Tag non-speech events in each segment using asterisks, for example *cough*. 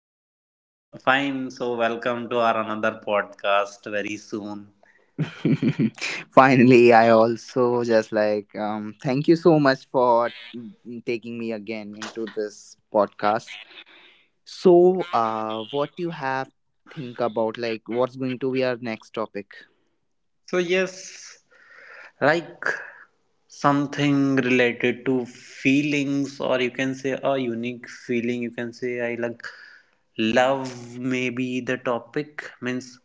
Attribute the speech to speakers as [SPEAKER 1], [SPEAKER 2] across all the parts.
[SPEAKER 1] are you?
[SPEAKER 2] Fine. So, welcome to our another podcast very soon.
[SPEAKER 1] *laughs* Finally, I also just like thank you so much for taking me again into this podcast. So, what you have think about like what's going to be our next topic?
[SPEAKER 2] So, yes, like something related to feelings, or you can say a unique feeling. You can say I like love, maybe the topic means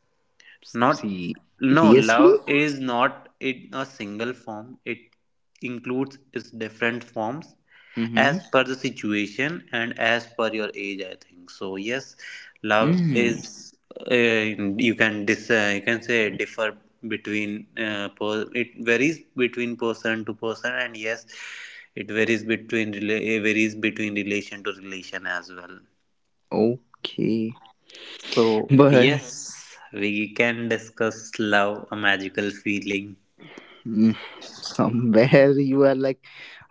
[SPEAKER 2] Not no,
[SPEAKER 1] Seriously?
[SPEAKER 2] love is not in a single form. It includes its different forms as
[SPEAKER 1] Mm-hmm.
[SPEAKER 2] per the situation and as per your age. I think so. Yes, love
[SPEAKER 1] Mm,
[SPEAKER 2] is you can dis you can say differ between it varies between person to person and yes, it varies between varies between relation to relation as well.
[SPEAKER 1] okay. *laughs*
[SPEAKER 2] So,
[SPEAKER 1] But
[SPEAKER 2] yes, we can discuss love, a magical feeling.
[SPEAKER 1] Mm, somewhere *laughs* you are like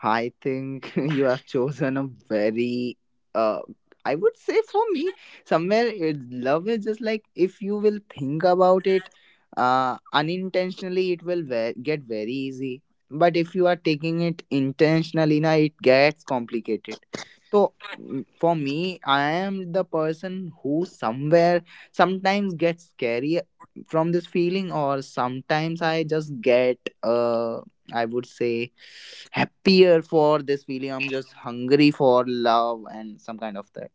[SPEAKER 1] I think *laughs* you have chosen a very uh I would say for me somewhere it, love is just like if you will think about it unintentionally it will get very easy, but if you are taking it intentionally now it gets complicated. So for me, I am the person who somewhere sometimes gets scary from this feeling, or sometimes I just get I would say happier for this feeling. I'm just hungry for love and some kind of that.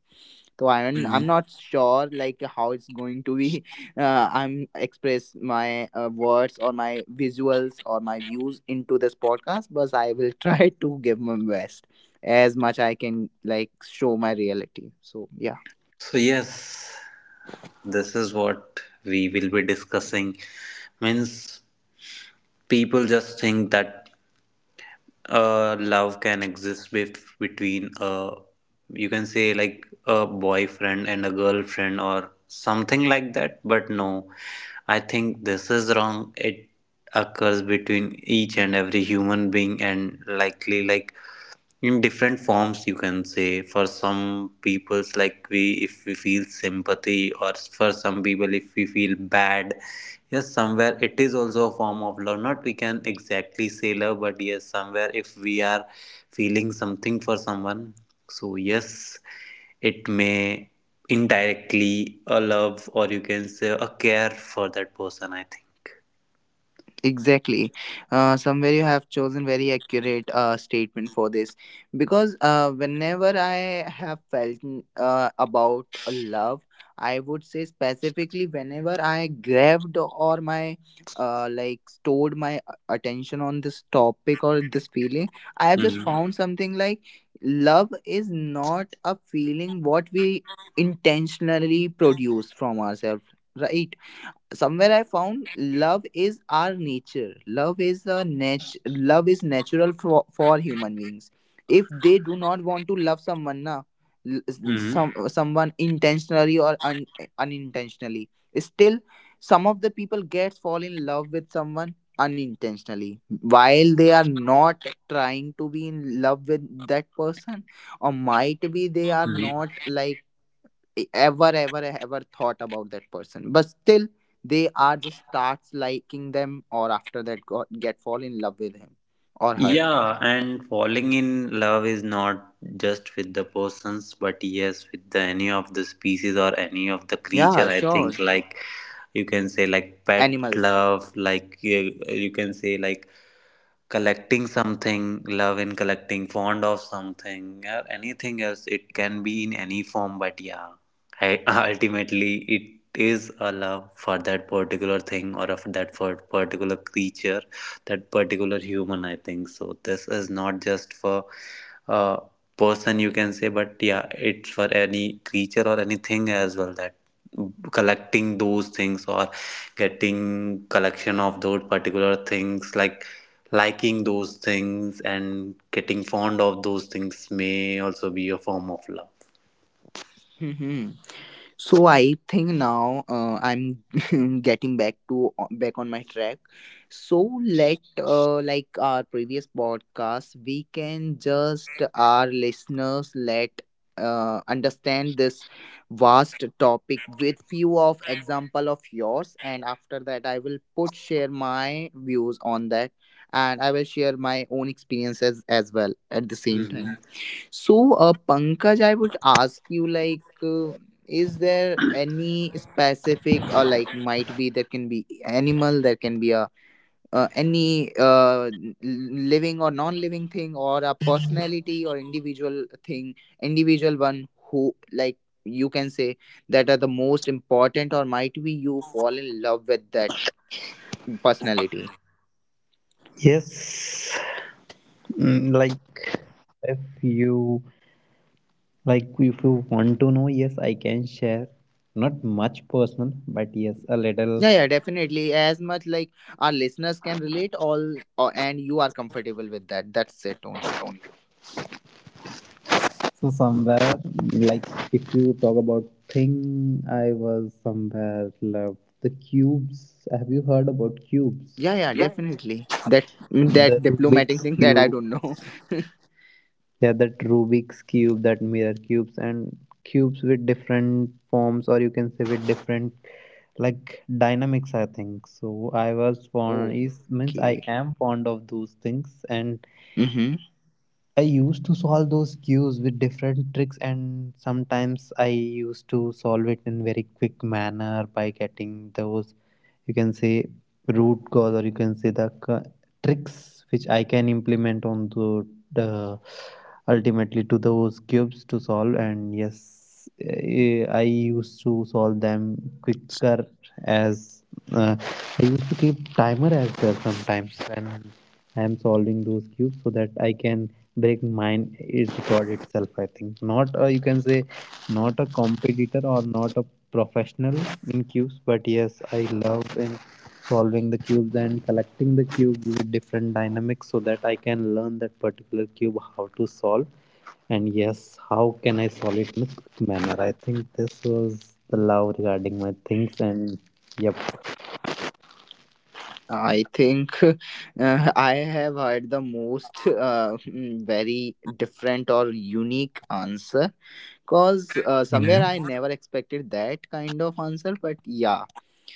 [SPEAKER 1] So i'm
[SPEAKER 2] Mm.
[SPEAKER 1] i'm not sure like how it's going to be. *laughs* I'm express my words or my visuals or my views into this podcast, but I will try *laughs* to give my best as much I can, like show my reality, so yeah.
[SPEAKER 2] So, yes, this is what we will be discussing. Means people just think that love can exist between a, you can say like a boyfriend and a girlfriend or something like that. But no, I think this is wrong. It occurs between each and every human being and likely like in different forms, you can say for some people's like we, if we feel sympathy, or for some people if we feel bad, yes, somewhere it is also a form of love, not we can exactly say love, but yes, somewhere if we are feeling something for someone, so yes, it may indirectly a love, or you can say a care for that person, I think.
[SPEAKER 1] Exactly. Somewhere you have chosen very accurate statement for this, because whenever I have felt about a love, I would say specifically whenever I grabbed or my like stored my attention on this topic or this feeling, I have just
[SPEAKER 2] Mm-hmm.
[SPEAKER 1] found something like love is not a feeling what we intentionally produce from ourselves, right? Somewhere I found love is our nature. Love is a love is natural for human beings. If they do not want to love someone na, l- s-
[SPEAKER 2] Mm-hmm.
[SPEAKER 1] some someone intentionally or unintentionally, still some of the people get fall in love with someone unintentionally while they are not trying to be in love with that person, or might be they are not like ever thought about that person, but still they are just starts liking them, or after that got, get fall in love with him or her.
[SPEAKER 2] Yeah, and falling in love is not just with the persons, but yes, with the, any of the species or any of the creature.
[SPEAKER 1] Yeah,
[SPEAKER 2] I
[SPEAKER 1] sure.
[SPEAKER 2] think like you can say like pet
[SPEAKER 1] Animals.
[SPEAKER 2] love, like you can say like collecting something, love in collecting, fond of something, or anything else. It can be in any form, but yeah, I, *laughs* ultimately it is a love for that particular thing or of that for particular creature, that particular human. I think so. This is not just for a person, you can say, but yeah, it's for any creature or anything as well that collecting those things or getting collection of those particular things like liking those things and getting fond of those things may also be a form of love.
[SPEAKER 1] Mhm. So I think now I'm *laughs* getting back to back on my track. So let like our previous podcast, we can just our listeners let understand this vast topic with few of example of yours, and after that I will put share my views on that, and I will share my own experiences as well at the same time. So, Pankaj, I would ask you like, is there any specific, or like might be there can be animal, there can be a living or non-living thing, or a personality or individual thing, individual one, who like you can say that are the most important, or might be you fall in love with that personality.
[SPEAKER 2] Yes, mm, if you like if you want to know, yes, I can share. Not much personal, but yes, a little.
[SPEAKER 1] Yeah, yeah, definitely. As much like our listeners can relate, all and you are comfortable with that. That's it only.
[SPEAKER 2] So somewhere, like if you talk about thing, I was somewhere loved the cubes. Have you heard about cubes?
[SPEAKER 1] Yeah, yeah, definitely. That that
[SPEAKER 2] The Rubik.
[SPEAKER 1] diplomatic thing *laughs* that I don't know.
[SPEAKER 2] Yeah, that Rubik's cube, that mirror cubes, and cubes with different forms, or you can say with different like dynamics. I think so. I was fond
[SPEAKER 1] Oh,
[SPEAKER 2] is means I
[SPEAKER 1] okay.
[SPEAKER 2] am fond of those things, and
[SPEAKER 1] Mm-hmm.
[SPEAKER 2] I used to solve those cubes with different tricks, and sometimes I used to solve it in very quick manner by getting those, you can say root cause, or you can say the tricks which I can implement on the ultimately to those cubes to solve, and yes, I used to solve them quicker as uh, I used to keep timer as well sometimes when I am solving those cubes so that I can break mine is record itself, I think. Not a, you can say not a competitor or not a professional in cubes, but yes, I love in solving the cubes and collecting the cubes with different dynamics so that I can learn that particular cube how to solve, and yes, how can I solve it in a quick manner. I think this was the love regarding my things and yep.
[SPEAKER 1] I think *laughs* I have heard the most very different or unique answer, because somewhere I never expected that kind of answer. But yeah,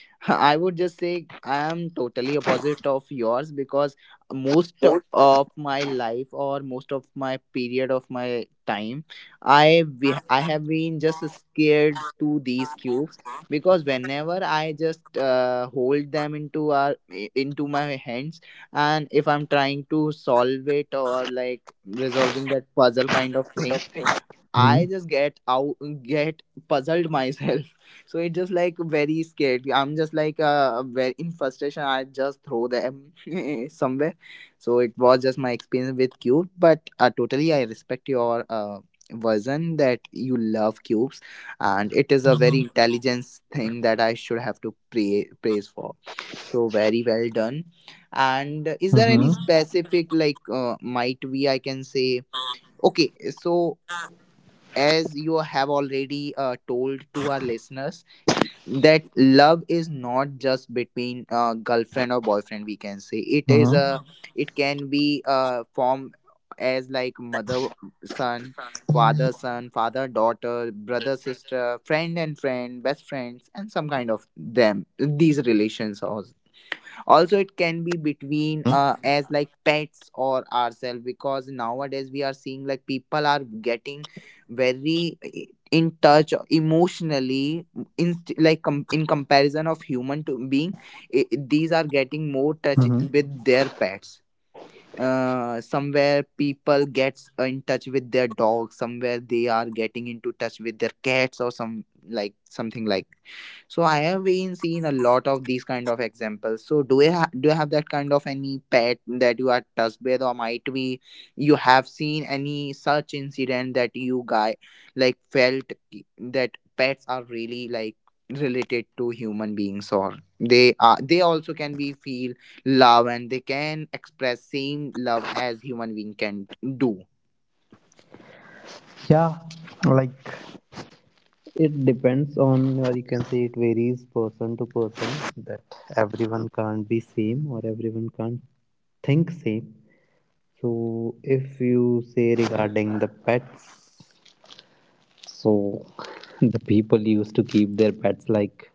[SPEAKER 1] *laughs* I would just say I am totally opposite of yours, because most of my life, or most of my period of my time, I I have been just scared to these cubes, because whenever I just hold them into our into my hands, and if I'm trying to solve it, or like resolving that puzzle kind of thing, I
[SPEAKER 2] Mm-hmm.
[SPEAKER 1] just get out, get puzzled myself. *laughs* So it's just like very scared. I'm just like very in frustration I just throw them *laughs* somewhere. So it was just my experience with cube, but totally I respect your version that you love cubes, and it is a very intelligence thing that I should have to praise for. So very well done. And is there any
[SPEAKER 2] Mm-hmm.
[SPEAKER 1] specific like might we I can say okay so, as you have already told to our listeners that love is not just between girlfriend or boyfriend, we can say it is a
[SPEAKER 2] Mm-hmm.
[SPEAKER 1] it can be formed as like mother son, father son, father daughter, brother sister, friend and friend, best friends, and some kind of them, these relations also. Also it can be between as like pets or ourselves, because nowadays we are seeing like people are getting very in touch emotionally in like in comparison of human to being. I these are getting more touch
[SPEAKER 2] Mm-hmm.
[SPEAKER 1] with their pets. Somewhere people gets in touch with their dogs, somewhere they are getting into touch with their cats, or some like something like. So I have been seeing a lot of these kind of examples. So do you do you have that kind of any pet that you are touched with, or might be you have seen any such incident that you guy like felt that pets are really like related to human beings, or they are they also can be feel love and they can express same love as human being can do.
[SPEAKER 2] Yeah, like it depends on, or you can say it varies person to person, that everyone can't be same or everyone can't think same. So, if you say regarding the pets, so the people used to keep their pets like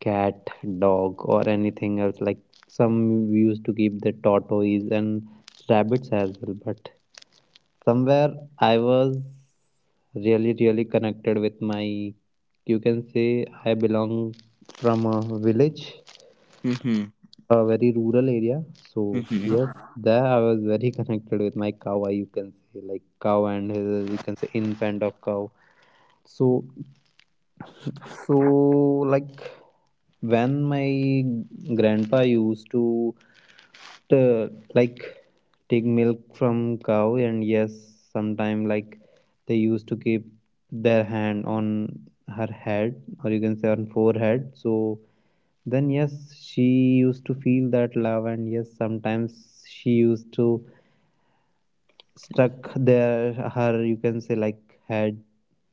[SPEAKER 2] cat, dog, or anything else. Like some used to keep the tortoise and rabbits as well. But somewhere I was really, really connected with my, you can say, I belong from a village,
[SPEAKER 1] Mm-hmm.
[SPEAKER 2] a very rural area. So
[SPEAKER 1] Mm-hmm.
[SPEAKER 2] yes, there I was very *laughs* connected with my cow. I you can say like cow and his you can say infant of cow. So so like when my grandpa used to t- like take milk from cow, and yes, sometime like they used to keep their hand on her head, or you can say on forehead, so then yes, she used to feel that love, and yes, sometimes she used to stuck there her you can say like head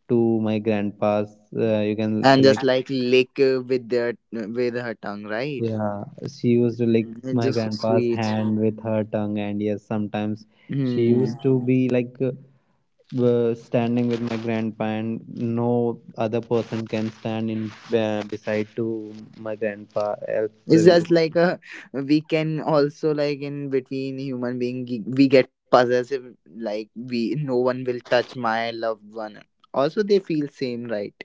[SPEAKER 2] to my grandpa's you can say
[SPEAKER 1] And just
[SPEAKER 2] like.
[SPEAKER 1] like lick with their with her tongue, right?
[SPEAKER 2] Yeah, she used to lick
[SPEAKER 1] And
[SPEAKER 2] my
[SPEAKER 1] just so
[SPEAKER 2] grandpa's
[SPEAKER 1] sweet.
[SPEAKER 2] hand with her tongue, and yes, sometimes she
[SPEAKER 1] Hmm.
[SPEAKER 2] used to be like standing with my grandpa and no other person can stand in beside to my grandpa else
[SPEAKER 1] It's just like a we can also like in between human being we get possessive, like we no one will touch my loved one. Also they feel same, right.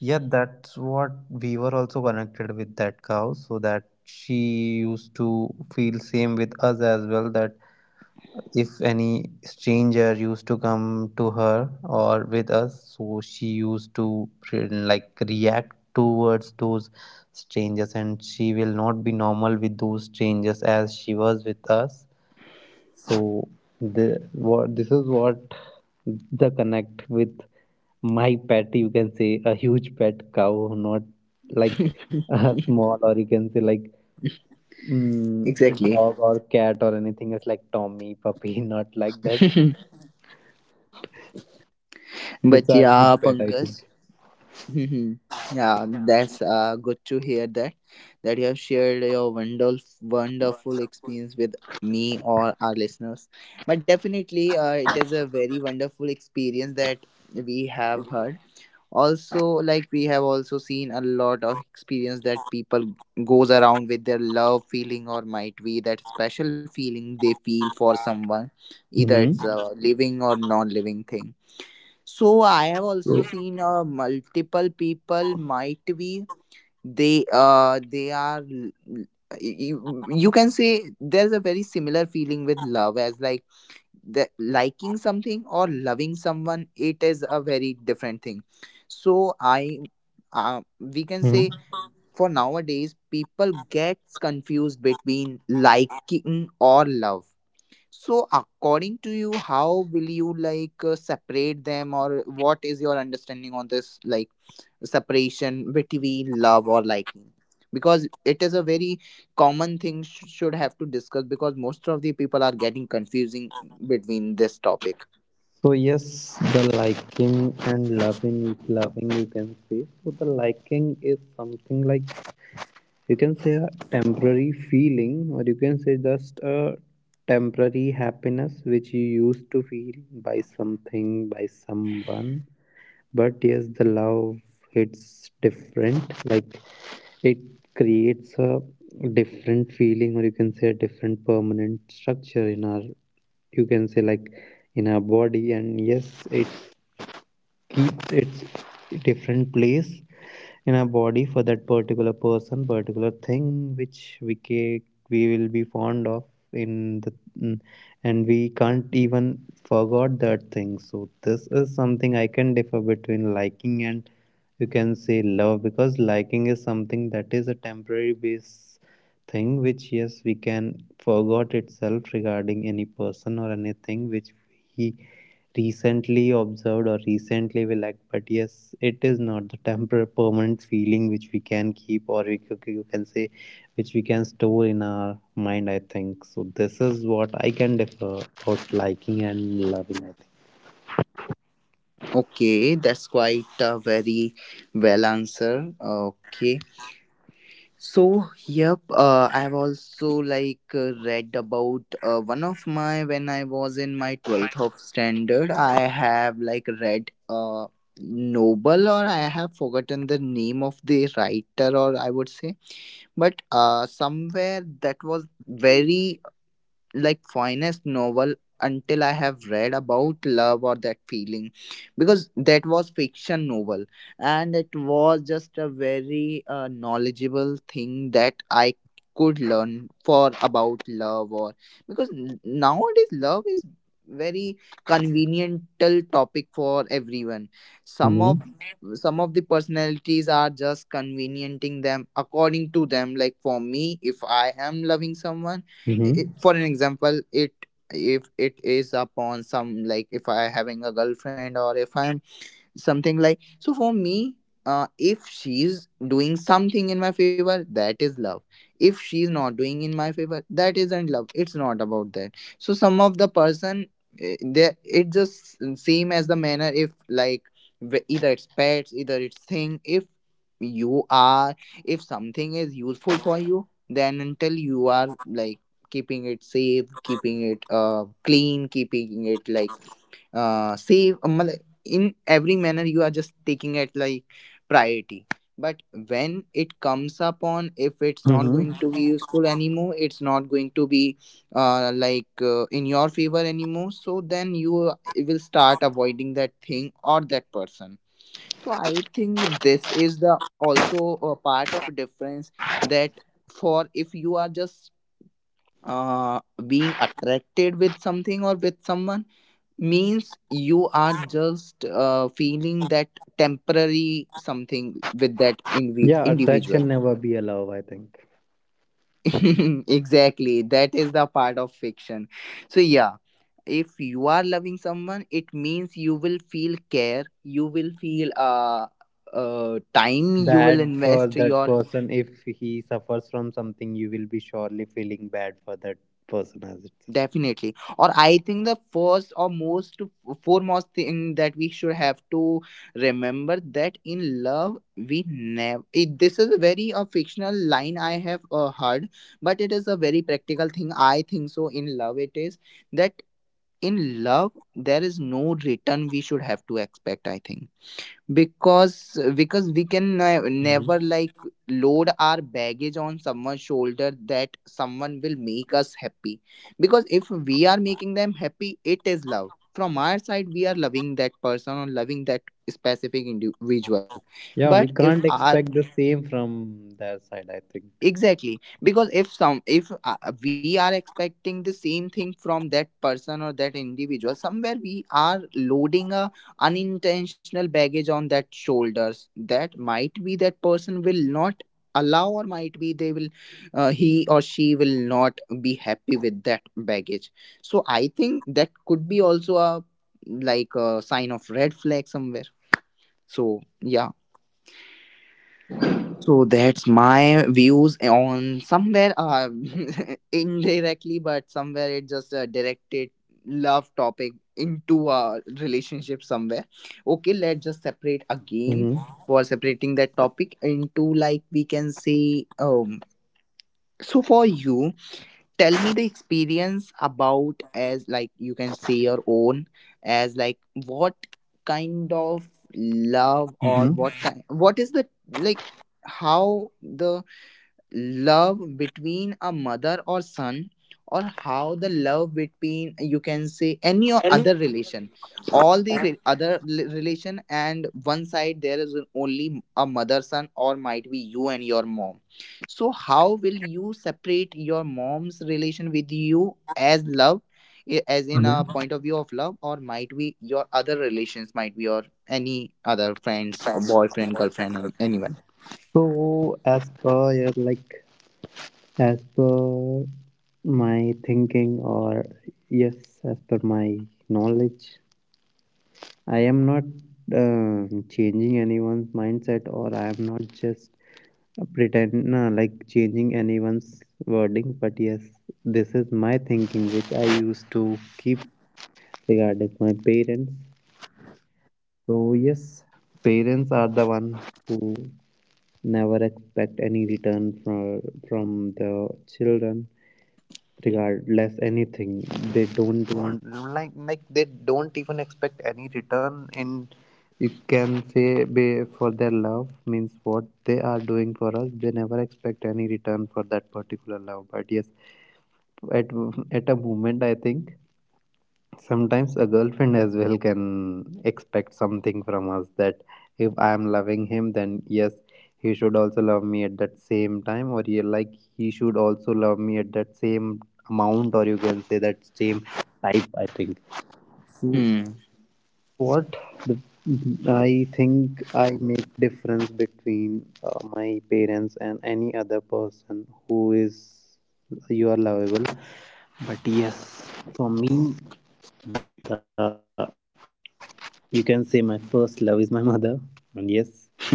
[SPEAKER 2] Yeah, that's what we were also connected with that cow, so that she used to feel same with us as well. That if any stranger used to come to her or with us, so she used to like react towards those strangers, and she will not be normal with those strangers as she was with us. So the what this is what the connect with my pet, you can say a huge pet cow, not like
[SPEAKER 1] *laughs*
[SPEAKER 2] a small, or you can say like mm,
[SPEAKER 1] Exactly.
[SPEAKER 2] dog or cat or anything, it's like tommy puppy, *laughs* not like that.
[SPEAKER 1] *laughs*
[SPEAKER 2] It's
[SPEAKER 1] But
[SPEAKER 2] a
[SPEAKER 1] yeah,
[SPEAKER 2] huge pet, I
[SPEAKER 1] Pankaj.
[SPEAKER 2] think.
[SPEAKER 1] *laughs* Yeah, that's good to hear that, that you have shared your wonderful, wonderful experience with me or our listeners. But definitely, it is a very wonderful experience that we have heard. Also, like we have also seen a lot of experience that people goes around with their love feeling, or might be that special feeling they feel for someone, either
[SPEAKER 2] Hmm.
[SPEAKER 1] it's a living or non-living thing. So I have also seen multiple people, might be they you, you can say there's a very similar feeling with love as like the liking something or loving someone, it is a very different thing. So I we can say
[SPEAKER 2] Hmm.
[SPEAKER 1] for nowadays people gets confused between liking or love. So according to you, how will you like separate them, or what is your understanding on this, like separation between love or liking, because it is a very common thing should have to discuss, because most of the people are getting confusing between this topic.
[SPEAKER 2] So yes, the liking and loving, loving you can say. So the liking is something like you can say a temporary feeling, or you can say just a temporary happiness which you used to feel by something, by someone, but yes, the love hits different, like it creates a different feeling, or you can say a different permanent structure in our, you can say like in our body, and yes, it keeps its different place in our body for that particular person, particular thing, which we will be fond of in the mm, and we can't even forgot that thing. So this is something I can differ between liking and you can say love, because liking is something that is a temporary base thing which yes we can forgot itself regarding any person or anything which we recently observed or recently we lacked, but yes, it is not the temporary permanent feeling which we can keep or we, you can say which we can store in our mind, I think. So this is what I can differ about liking and loving, I think.
[SPEAKER 1] Okay, that's quite a very well answer. Okay. So, yep, I've also like read about one of my when I was in my 12th of standard, I have like read Noble, or I have forgotten the name of the writer, or I would say, but somewhere that was very like finest novel until I have read about love or that feeling, because that was fiction novel, and it was just a very knowledgeable thing that I could learn for about love or, because nowadays love is very conveniental topic for everyone. some
[SPEAKER 2] Mm-hmm.
[SPEAKER 1] of some of the personalities are just conveniencing them according to them, like for me if I am loving someone, I-
[SPEAKER 2] Mm-hmm.
[SPEAKER 1] for an example it, if it is upon some like if I having a girlfriend or if I'm something like, so for me if she's doing something in my favor that is love, if she's not doing in my favor that isn't love, it's not about that. So some of the person they it just same as the manner, if like either it's pets, either it's thing, if you are if something is useful for you, then until you are like keeping it safe, keeping it clean, keeping it like save mal- in every manner, you are just taking it like priority. But when it comes upon if it's not going
[SPEAKER 2] Mm-hmm.
[SPEAKER 1] to be useful anymore, it's not going to be in your favor anymore, so then you will start avoiding that thing or that person. So I think this is the also a part of difference, that for if you are just uh being attracted with something or with someone, means you are just feeling that temporary something with that
[SPEAKER 2] Yeah,
[SPEAKER 1] individual.
[SPEAKER 2] attraction never be a love, I think.
[SPEAKER 1] *laughs* Exactly, that is the part of fiction. So yeah, if you are loving someone, it means you will feel care, you will feel time, you will
[SPEAKER 2] Bad for
[SPEAKER 1] invest
[SPEAKER 2] that
[SPEAKER 1] your
[SPEAKER 2] person, if he suffers from something you will be surely feeling bad for that person as itself.
[SPEAKER 1] Definitely. Or I think the first or most foremost thing that we should have to remember, that in love we never, it, this is a very a fictional line I have heard, but it is a very practical thing. I think so in love it is that in love there is no return we should have to expect, I think, because we can never, like, load our baggage on someone's shoulder, that someone will make us happy. Because if we are making them happy, it is love from our side. We are loving that person or loving that specific individual.
[SPEAKER 2] Yeah,
[SPEAKER 1] But
[SPEAKER 2] we
[SPEAKER 1] if
[SPEAKER 2] can't
[SPEAKER 1] our
[SPEAKER 2] expect the same from their side, I think.
[SPEAKER 1] exactly, because if some if we are expecting the same thing from that person or that individual, somewhere we are loading a unintentional baggage on that shoulders, that might be that person will not allow, or might be they will he or she will not be happy with that baggage. So I think that could be also a, like, a sign of red flag somewhere. So yeah, so that's my views on somewhere *laughs* indirectly, but somewhere it just directed love topic into a relationship somewhere. Okay, let's just separate again
[SPEAKER 2] Mm-hmm.
[SPEAKER 1] for separating that topic into, like, we can say. So for you, tell me the experience about, as like you can say, your own, as like what kind of love, or
[SPEAKER 2] Hmm.
[SPEAKER 1] what kind what is the, like, how the love between a mother or son, or how the love between, you can say, any o- other relation, all the re- other li- relation, and one side there is only a mother son, or might be you and your mom. So how will you separate your mom's relation with you as love, I- as in a point of view of love, or might be your other relations, might be your any other friends or boyfriend girlfriend, anyone?
[SPEAKER 2] So, as per your like, as per my thinking, or yes, as per my knowledge, I am not changing anyone's mindset, or I am not just pretend no, like changing anyone's wording. But yes, this is my thinking, which I used to keep regarding my parents. So yes, parents are the one who never expect any return from the children, regardless anything. They don't want like they don't even expect any return in. You can say be for their love means what they are doing for us. They never expect any return for that particular love. But yes, at at a moment I think sometimes a girlfriend as well can expect something from us, that if I am loving him, then yes, he should also love me at that same time, or yeah, like he should also love me at that same amount, or you can say that same type, I think. So
[SPEAKER 1] Hmm.
[SPEAKER 2] what the, I think I make difference between my parents and any other person who is you are lovable. But yes, for me, the you can say my first love is my *laughs* mother, and yes, surely she will be.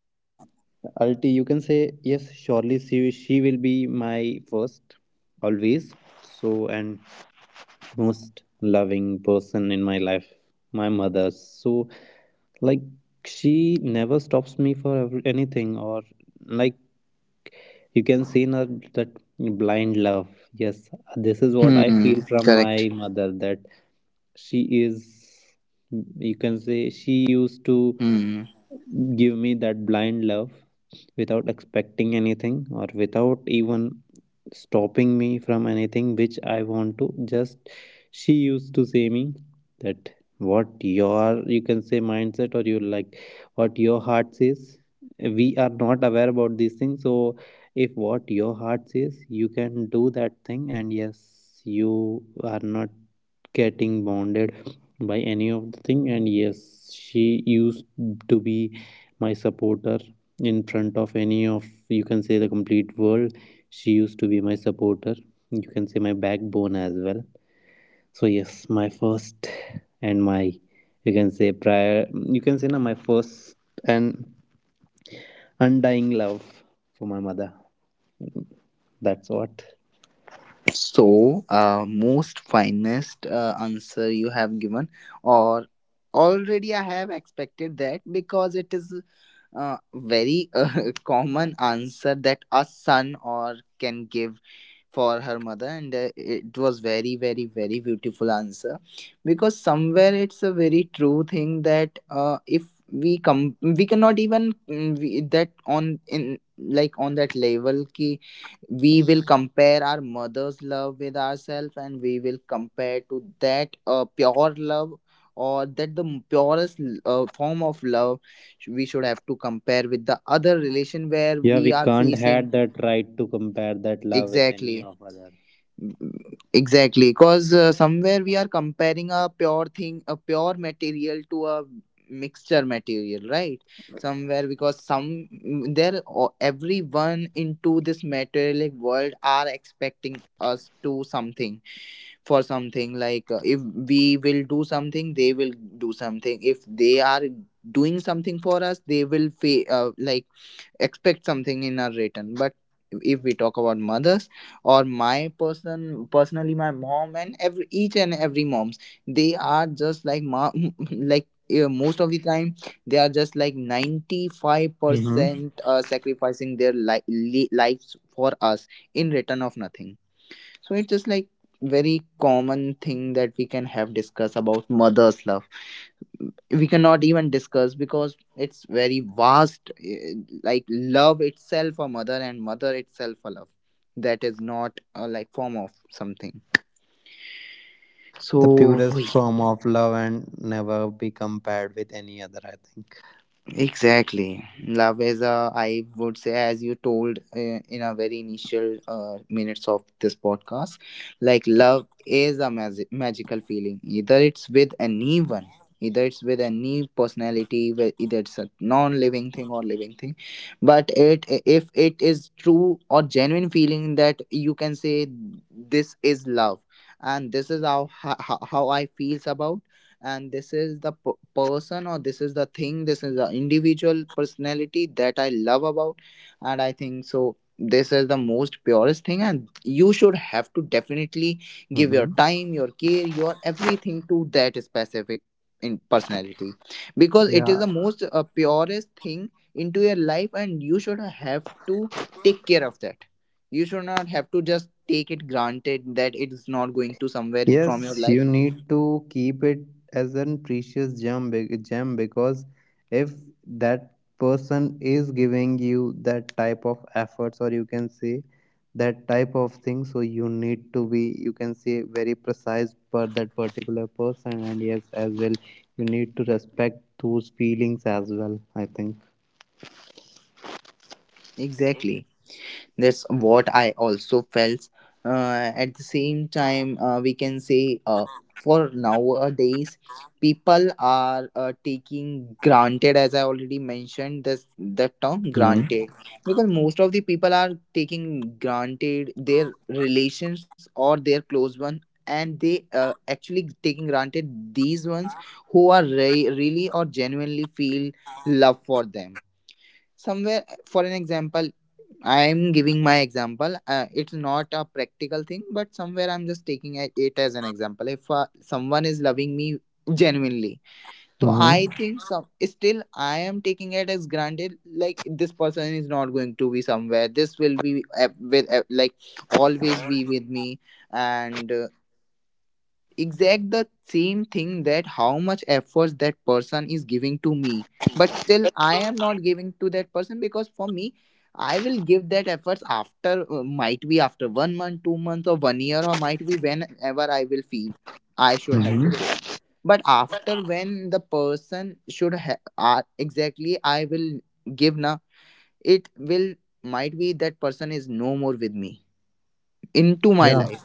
[SPEAKER 2] Ulti, you can say yes, surely she will be my first always. So and most loving person in my life my mother, so like she never stops me for every, anything, or like you can see in her that blind love. Yes, this is
[SPEAKER 1] *laughs*
[SPEAKER 2] what I
[SPEAKER 1] Hmm.
[SPEAKER 2] feel from
[SPEAKER 1] Correct.
[SPEAKER 2] my mother, that she is you can say she used to
[SPEAKER 1] Hmm.
[SPEAKER 2] give me that blind love without expecting anything or without even stopping me from anything which I want to. Just she used to say me that what your you can say mindset or you like what your heart says. We are not aware about these things, so if what your heart says, you can do that thing, and yes, you are not getting bounded by any of the thing. And yes, she used to be my supporter in front of any of, you can say, the complete world. She used to be my supporter, you can say my backbone as well. So yes, my first and my, you can say prior, you can say now my first and undying love for my mother. That's what.
[SPEAKER 1] So, most finest answer you have given, or already I have expected that, because it is very *laughs* common answer that a son or can give for her mother, and it was very very very beautiful answer, because somewhere it's a very true thing that if we come, we cannot even we, that on in, like, on that level ki we will compare our mother's love with ourselves, and we will compare to that pure love, or that the m- purest form of love, sh- we should have to compare with the other relation where
[SPEAKER 2] Yeah,
[SPEAKER 1] we
[SPEAKER 2] we
[SPEAKER 1] are
[SPEAKER 2] can't had
[SPEAKER 1] facing
[SPEAKER 2] that right to compare that love with any
[SPEAKER 1] exactly.
[SPEAKER 2] of other.
[SPEAKER 1] Exactly, because somewhere we are comparing a pure thing, a pure material, to a mixture material, right? Somewhere, because some there o- everyone into this materialistic world are expecting us to something for something, like if we will do something, they will do something. If they are doing something for us, they will fa- like expect something in our return. But if we talk about mothers, or my person personally, my mom, and every each and every moms, they are just like mom *laughs* like most of the time they are just like
[SPEAKER 2] Hmm.
[SPEAKER 1] 95% sacrificing their li- li- lives for us in return of nothing. So it's just like very common thing that we can have discuss about mother's love. We cannot even discuss because it's very vast, like love itself a mother and mother itself a love. That is not a like form of something.
[SPEAKER 2] The
[SPEAKER 1] So
[SPEAKER 2] purest form of love and never be compared with any other, I think.
[SPEAKER 1] exactly. Love is a, I would say, as you told in our very initial minutes of this podcast, like love is a magi- magical feeling. Either it's with anyone, either it's with any personality, whe- either it's a non living thing or living thing. But it, if it is true or genuine feeling that you can say, this is love. And this is how I feels about, and this is the p- person, or this is the thing, this is the individual personality that I love about. And I think so this is the most purest thing, and you should have to definitely give your
[SPEAKER 2] Hmm.
[SPEAKER 1] time, your care, your everything to that specific in personality, because
[SPEAKER 2] Yeah.
[SPEAKER 1] it is the most purest thing into your life, and you should have to take care of that. You should not have to just take it granted that it's not going to somewhere from your
[SPEAKER 2] Yes,
[SPEAKER 1] life.
[SPEAKER 2] you need to keep it as a precious gem, gem, because if that person is giving you that type of efforts, or you can say that type of thing, so you need to be, you can say, very precise for that particular person. And yes, as well, you need to respect those feelings as well, I think.
[SPEAKER 1] Exactly, that's what I also felt. At the same time we can say for nowadays people are taking granted, as I already mentioned, this the term
[SPEAKER 2] Mm-hmm.
[SPEAKER 1] granted, because most of the people are taking granted their relations or their close one. And they actually taking granted these ones who are re- really or genuinely feel love for them. Somewhere for an example, I'm giving my example. It's not a practical thing, but somewhere I'm just taking a- it as an example. If someone is loving me genuinely, so
[SPEAKER 2] Mm-hmm.
[SPEAKER 1] I think some still I am taking it as granted. Like this person is not going to be somewhere. This will be with like always be with me, and exact the same thing that how much efforts that person is giving to me, but still I am not giving to that person, because for me, I will give that efforts after might be after 1 month, 2 months, or 1 year, or might be whenever I will feel I should have to give.
[SPEAKER 2] Mm-hmm.
[SPEAKER 1] But after, when the person should ha- exactly I will give na, it will, might be that person is no more with me into my
[SPEAKER 2] Yeah.
[SPEAKER 1] life.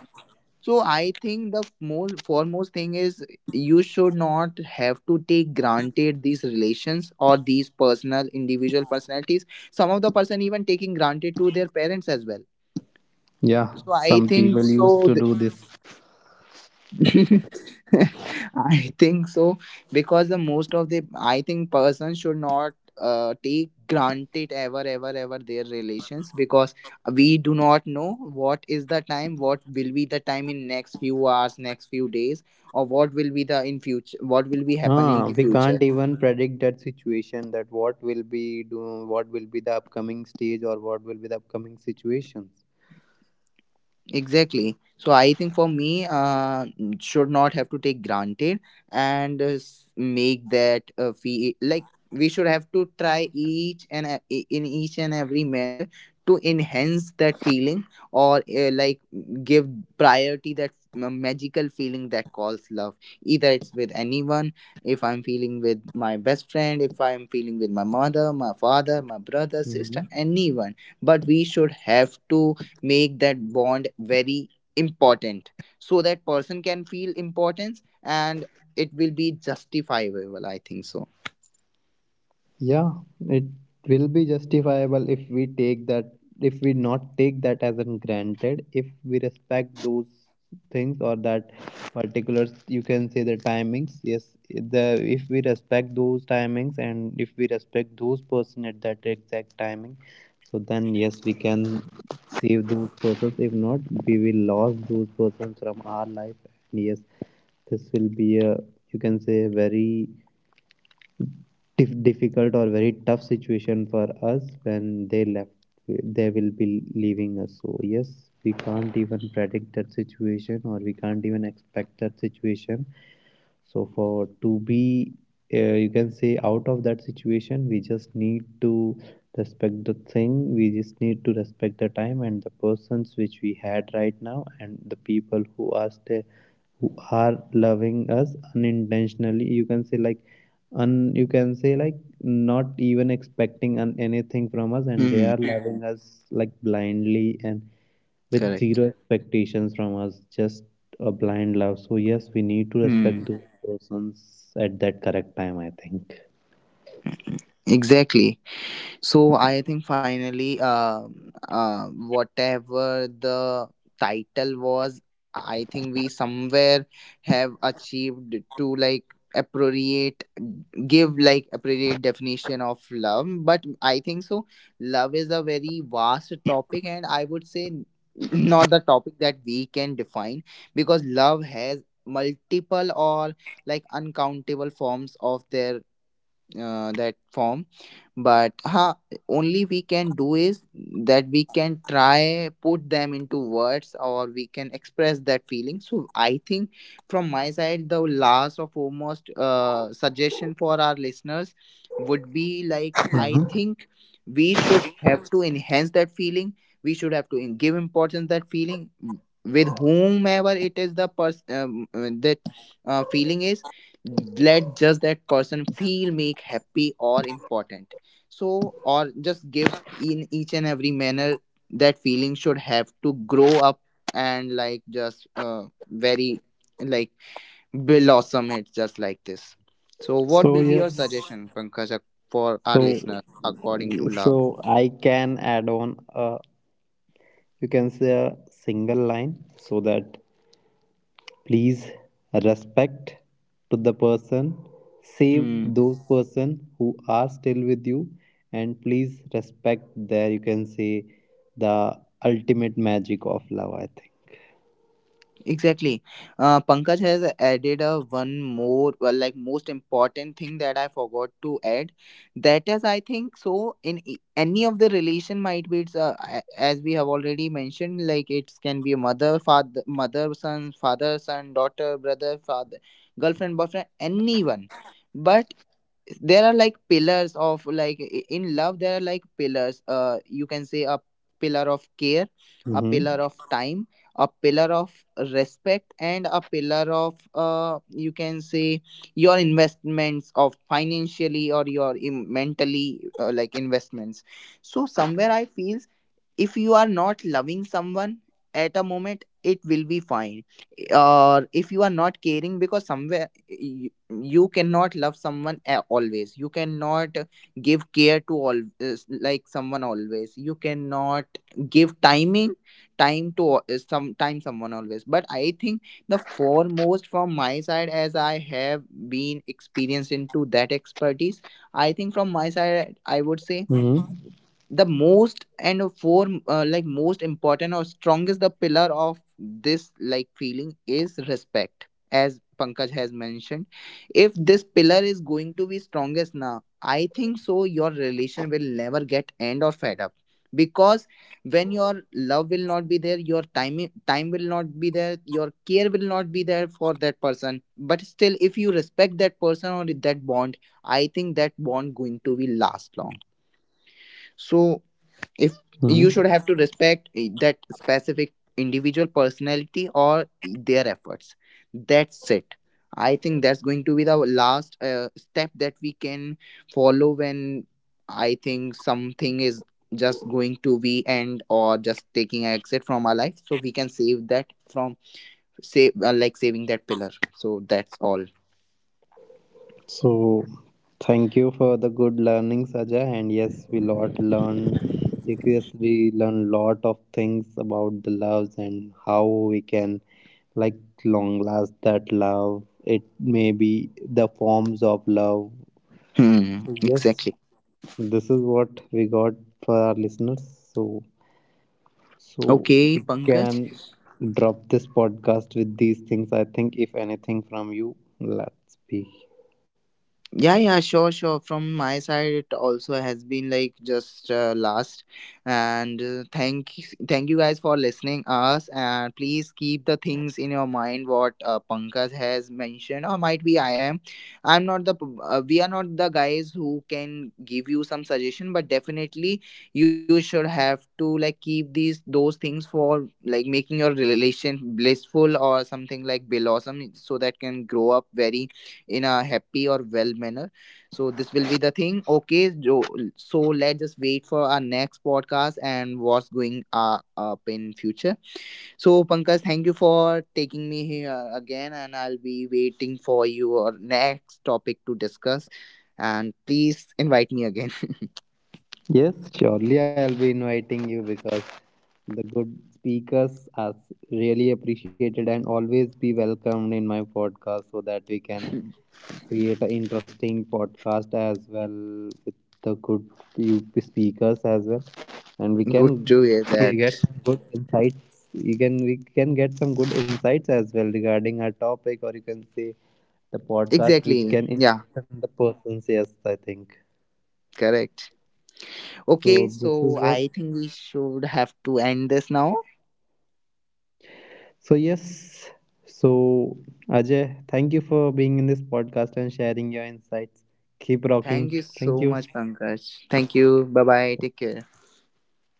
[SPEAKER 1] So I think the most foremost thing is you should not have to take granted these relations or these personal individual personalities. Some of the person even taking granted to their parents as well.
[SPEAKER 2] Yeah,
[SPEAKER 1] So I
[SPEAKER 2] some
[SPEAKER 1] think
[SPEAKER 2] people used
[SPEAKER 1] so.
[SPEAKER 2] to do this.
[SPEAKER 1] *laughs* I think so, because the most of the I think person should not take granted ever ever ever their relations, because we do not know what is the time, what will be the time in next few hours, next few days, or what will be the in future, what will be happen in
[SPEAKER 2] Ah,
[SPEAKER 1] the
[SPEAKER 2] we
[SPEAKER 1] future.
[SPEAKER 2] can't even predict that situation, that what will be do, what will be the upcoming stage or what will be the upcoming situations.
[SPEAKER 1] Exactly. So I think for me, n- should not have to take granted, and s- make that fee, like we should have to try each and a- I- in each and every manner to enhance that feeling, or like give priority that magical feeling that calls love. Either it's with anyone, if I'm feeling with my best friend, if I'm feeling with my mother, my father, my brother, sister,
[SPEAKER 2] Mhm.
[SPEAKER 1] anyone. But we should have to make that bond very important, so that person can feel importance and it will be justifiable, I think so.
[SPEAKER 2] Yeah, it will be justifiable if we take that, if we not take that as an granted, if we respect those things or that particular, you can say, the timings. Yes, the if we respect those timings and if we respect those person at that exact timing, so then yes, we can save those persons. If not, we will lose those persons from our life. And yes, this will be a, you can say, very difficult or very tough situation for us. When they left, they will be leaving us, so yes, we can't even predict that situation or we can't even expect that situation. So for to be, you can say, out of that situation, we just need to respect the thing. We just need to respect the time and the persons which we had right now, and the people who are still, who are loving us unintentionally, you can say like, un, you can say like, not even expecting anything from us and they are
[SPEAKER 1] Hmm.
[SPEAKER 2] loving us like blindly and with zero
[SPEAKER 1] Correct.
[SPEAKER 2] expectations from us, just a blind love. So yes, we need to respect
[SPEAKER 1] Hmm.
[SPEAKER 2] those persons at that correct time, I think.
[SPEAKER 1] Exactly. So I think finally, whatever the title was, I think we somewhere have achieved to like appropriate give like appropriate definition of love. But I think so love is a very vast topic, and I would say n- not the topic that we can define, because love has multiple, or like uncountable forms of their that form. But ha, only we can do is that we can try put them into words, or we can express that feeling. So I think from my side, the last of almost suggestion for our listeners would be, like, I think we should have to enhance that feeling, we should have to give importance that feeling with whomever it is the person, that feeling is. Let just that person feel, make happy or important, so, or just give in each and every manner that feeling should have to grow up, and like, just very, like, blossom it just like this. So
[SPEAKER 2] So
[SPEAKER 1] what will be your
[SPEAKER 2] yes,
[SPEAKER 1] suggestion, Pankaj, ac- for our
[SPEAKER 2] so
[SPEAKER 1] listeners according to love?
[SPEAKER 2] I can add on you can say a single line, so that please respect to the person, save
[SPEAKER 1] Hmm.
[SPEAKER 2] those person who are still with you, and please respect there, you can say, the ultimate magic of love, I think.
[SPEAKER 1] Exactly. Pankaj has added a one more, well, like, most important thing that I forgot to add. That is, I think, so in e- any of the relation, might be it's a- as we have already mentioned, like it can be a mother, father, mother, son, father, son, daughter, brother, father, girlfriend, boyfriend, anyone. But there are like pillars of, like, I- in love there are like pillars, you can say a pillar of care, a pillar
[SPEAKER 2] Mm-hmm.
[SPEAKER 1] of time, a pillar of respect, and a pillar of you can say your investments of financially, or your im- mentally, like, investments. So somewhere I feel if you are not loving someone at a moment, it will be fine, or if you are not caring, because somewhere you cannot love someone a- always, you cannot give care to all, like someone always, you cannot give timing, time to al- some time someone always. But I think the foremost from my side, as I have been experienced into that expertise, I think from my side I would say
[SPEAKER 2] Mm-hmm.
[SPEAKER 1] the most and for like most important or strongest the pillar of this like feeling is respect, as Pankaj has mentioned. If this pillar is going to be strongest now, I think so your relation will never get end or fed up, because when your love will not be there, your time will not be there, your care will not be there for that person, but still if you respect that person or that bond, I think that bond going to be last long. So if you should
[SPEAKER 2] Mm-hmm.
[SPEAKER 1] have to respect, that specific individual personality or their efforts, that's it. I think that's going to be the last step that we can follow when I think something is just going to be end, or just taking exit from our life. So we can save that from, save, like saving that pillar. So that's all.
[SPEAKER 2] So, thank you for the good learning, Saja. And yes, we lot learn. Because we learn lot of things about the loves and how we can, like, long last that love. It may be the forms of love.
[SPEAKER 1] Hmm.
[SPEAKER 2] So yes,
[SPEAKER 1] Exactly.
[SPEAKER 2] this is what we got for our listeners. So so
[SPEAKER 1] Okay,
[SPEAKER 2] we
[SPEAKER 1] Pankaj.
[SPEAKER 2] can drop this podcast with these things. I think if anything from you, let's be.
[SPEAKER 1] Yeah, yeah, sure, sure. From my side, it also has been like just last, and thank you guys for listening us. And please keep the things in your mind what Pankaj has mentioned, or might be I am. I'm not the p- we are not the guys who can give you some suggestion, but definitely you should have to like keep these those things for like making your relation blissful or something like blossom, so that can grow up very in a happy or well manner. So this will be the thing. Okay, so let's just wait for our next podcast and what's going up in future. So Pankaj, thank you for taking me here again, and I'll be waiting for your next topic to discuss, and please invite me again.
[SPEAKER 2] Yes, surely I'll be inviting you because the good speakers are really appreciated and always be welcomed in my podcast, so that we can
[SPEAKER 1] *laughs*
[SPEAKER 2] create an interesting podcast as well with the good few speakers as well. And we can
[SPEAKER 1] Good to hear
[SPEAKER 2] get some
[SPEAKER 1] that.
[SPEAKER 2] good insights, you can we can get some good insights as well regarding our topic, or you can say the podcast which can
[SPEAKER 1] Exactly,
[SPEAKER 2] enlighten
[SPEAKER 1] yeah.
[SPEAKER 2] the persons, yes I think.
[SPEAKER 1] Correct.
[SPEAKER 2] So this
[SPEAKER 1] Okay,
[SPEAKER 2] is what.
[SPEAKER 1] so I think we should have to end this now.
[SPEAKER 2] So, yes, so Ajay, thank you for being in this podcast and sharing your insights. Keep rocking.
[SPEAKER 1] Thank
[SPEAKER 2] Thank
[SPEAKER 1] you
[SPEAKER 2] you.
[SPEAKER 1] so much, Pankaj. Thank you. Bye bye. Take care.
[SPEAKER 2] See ya.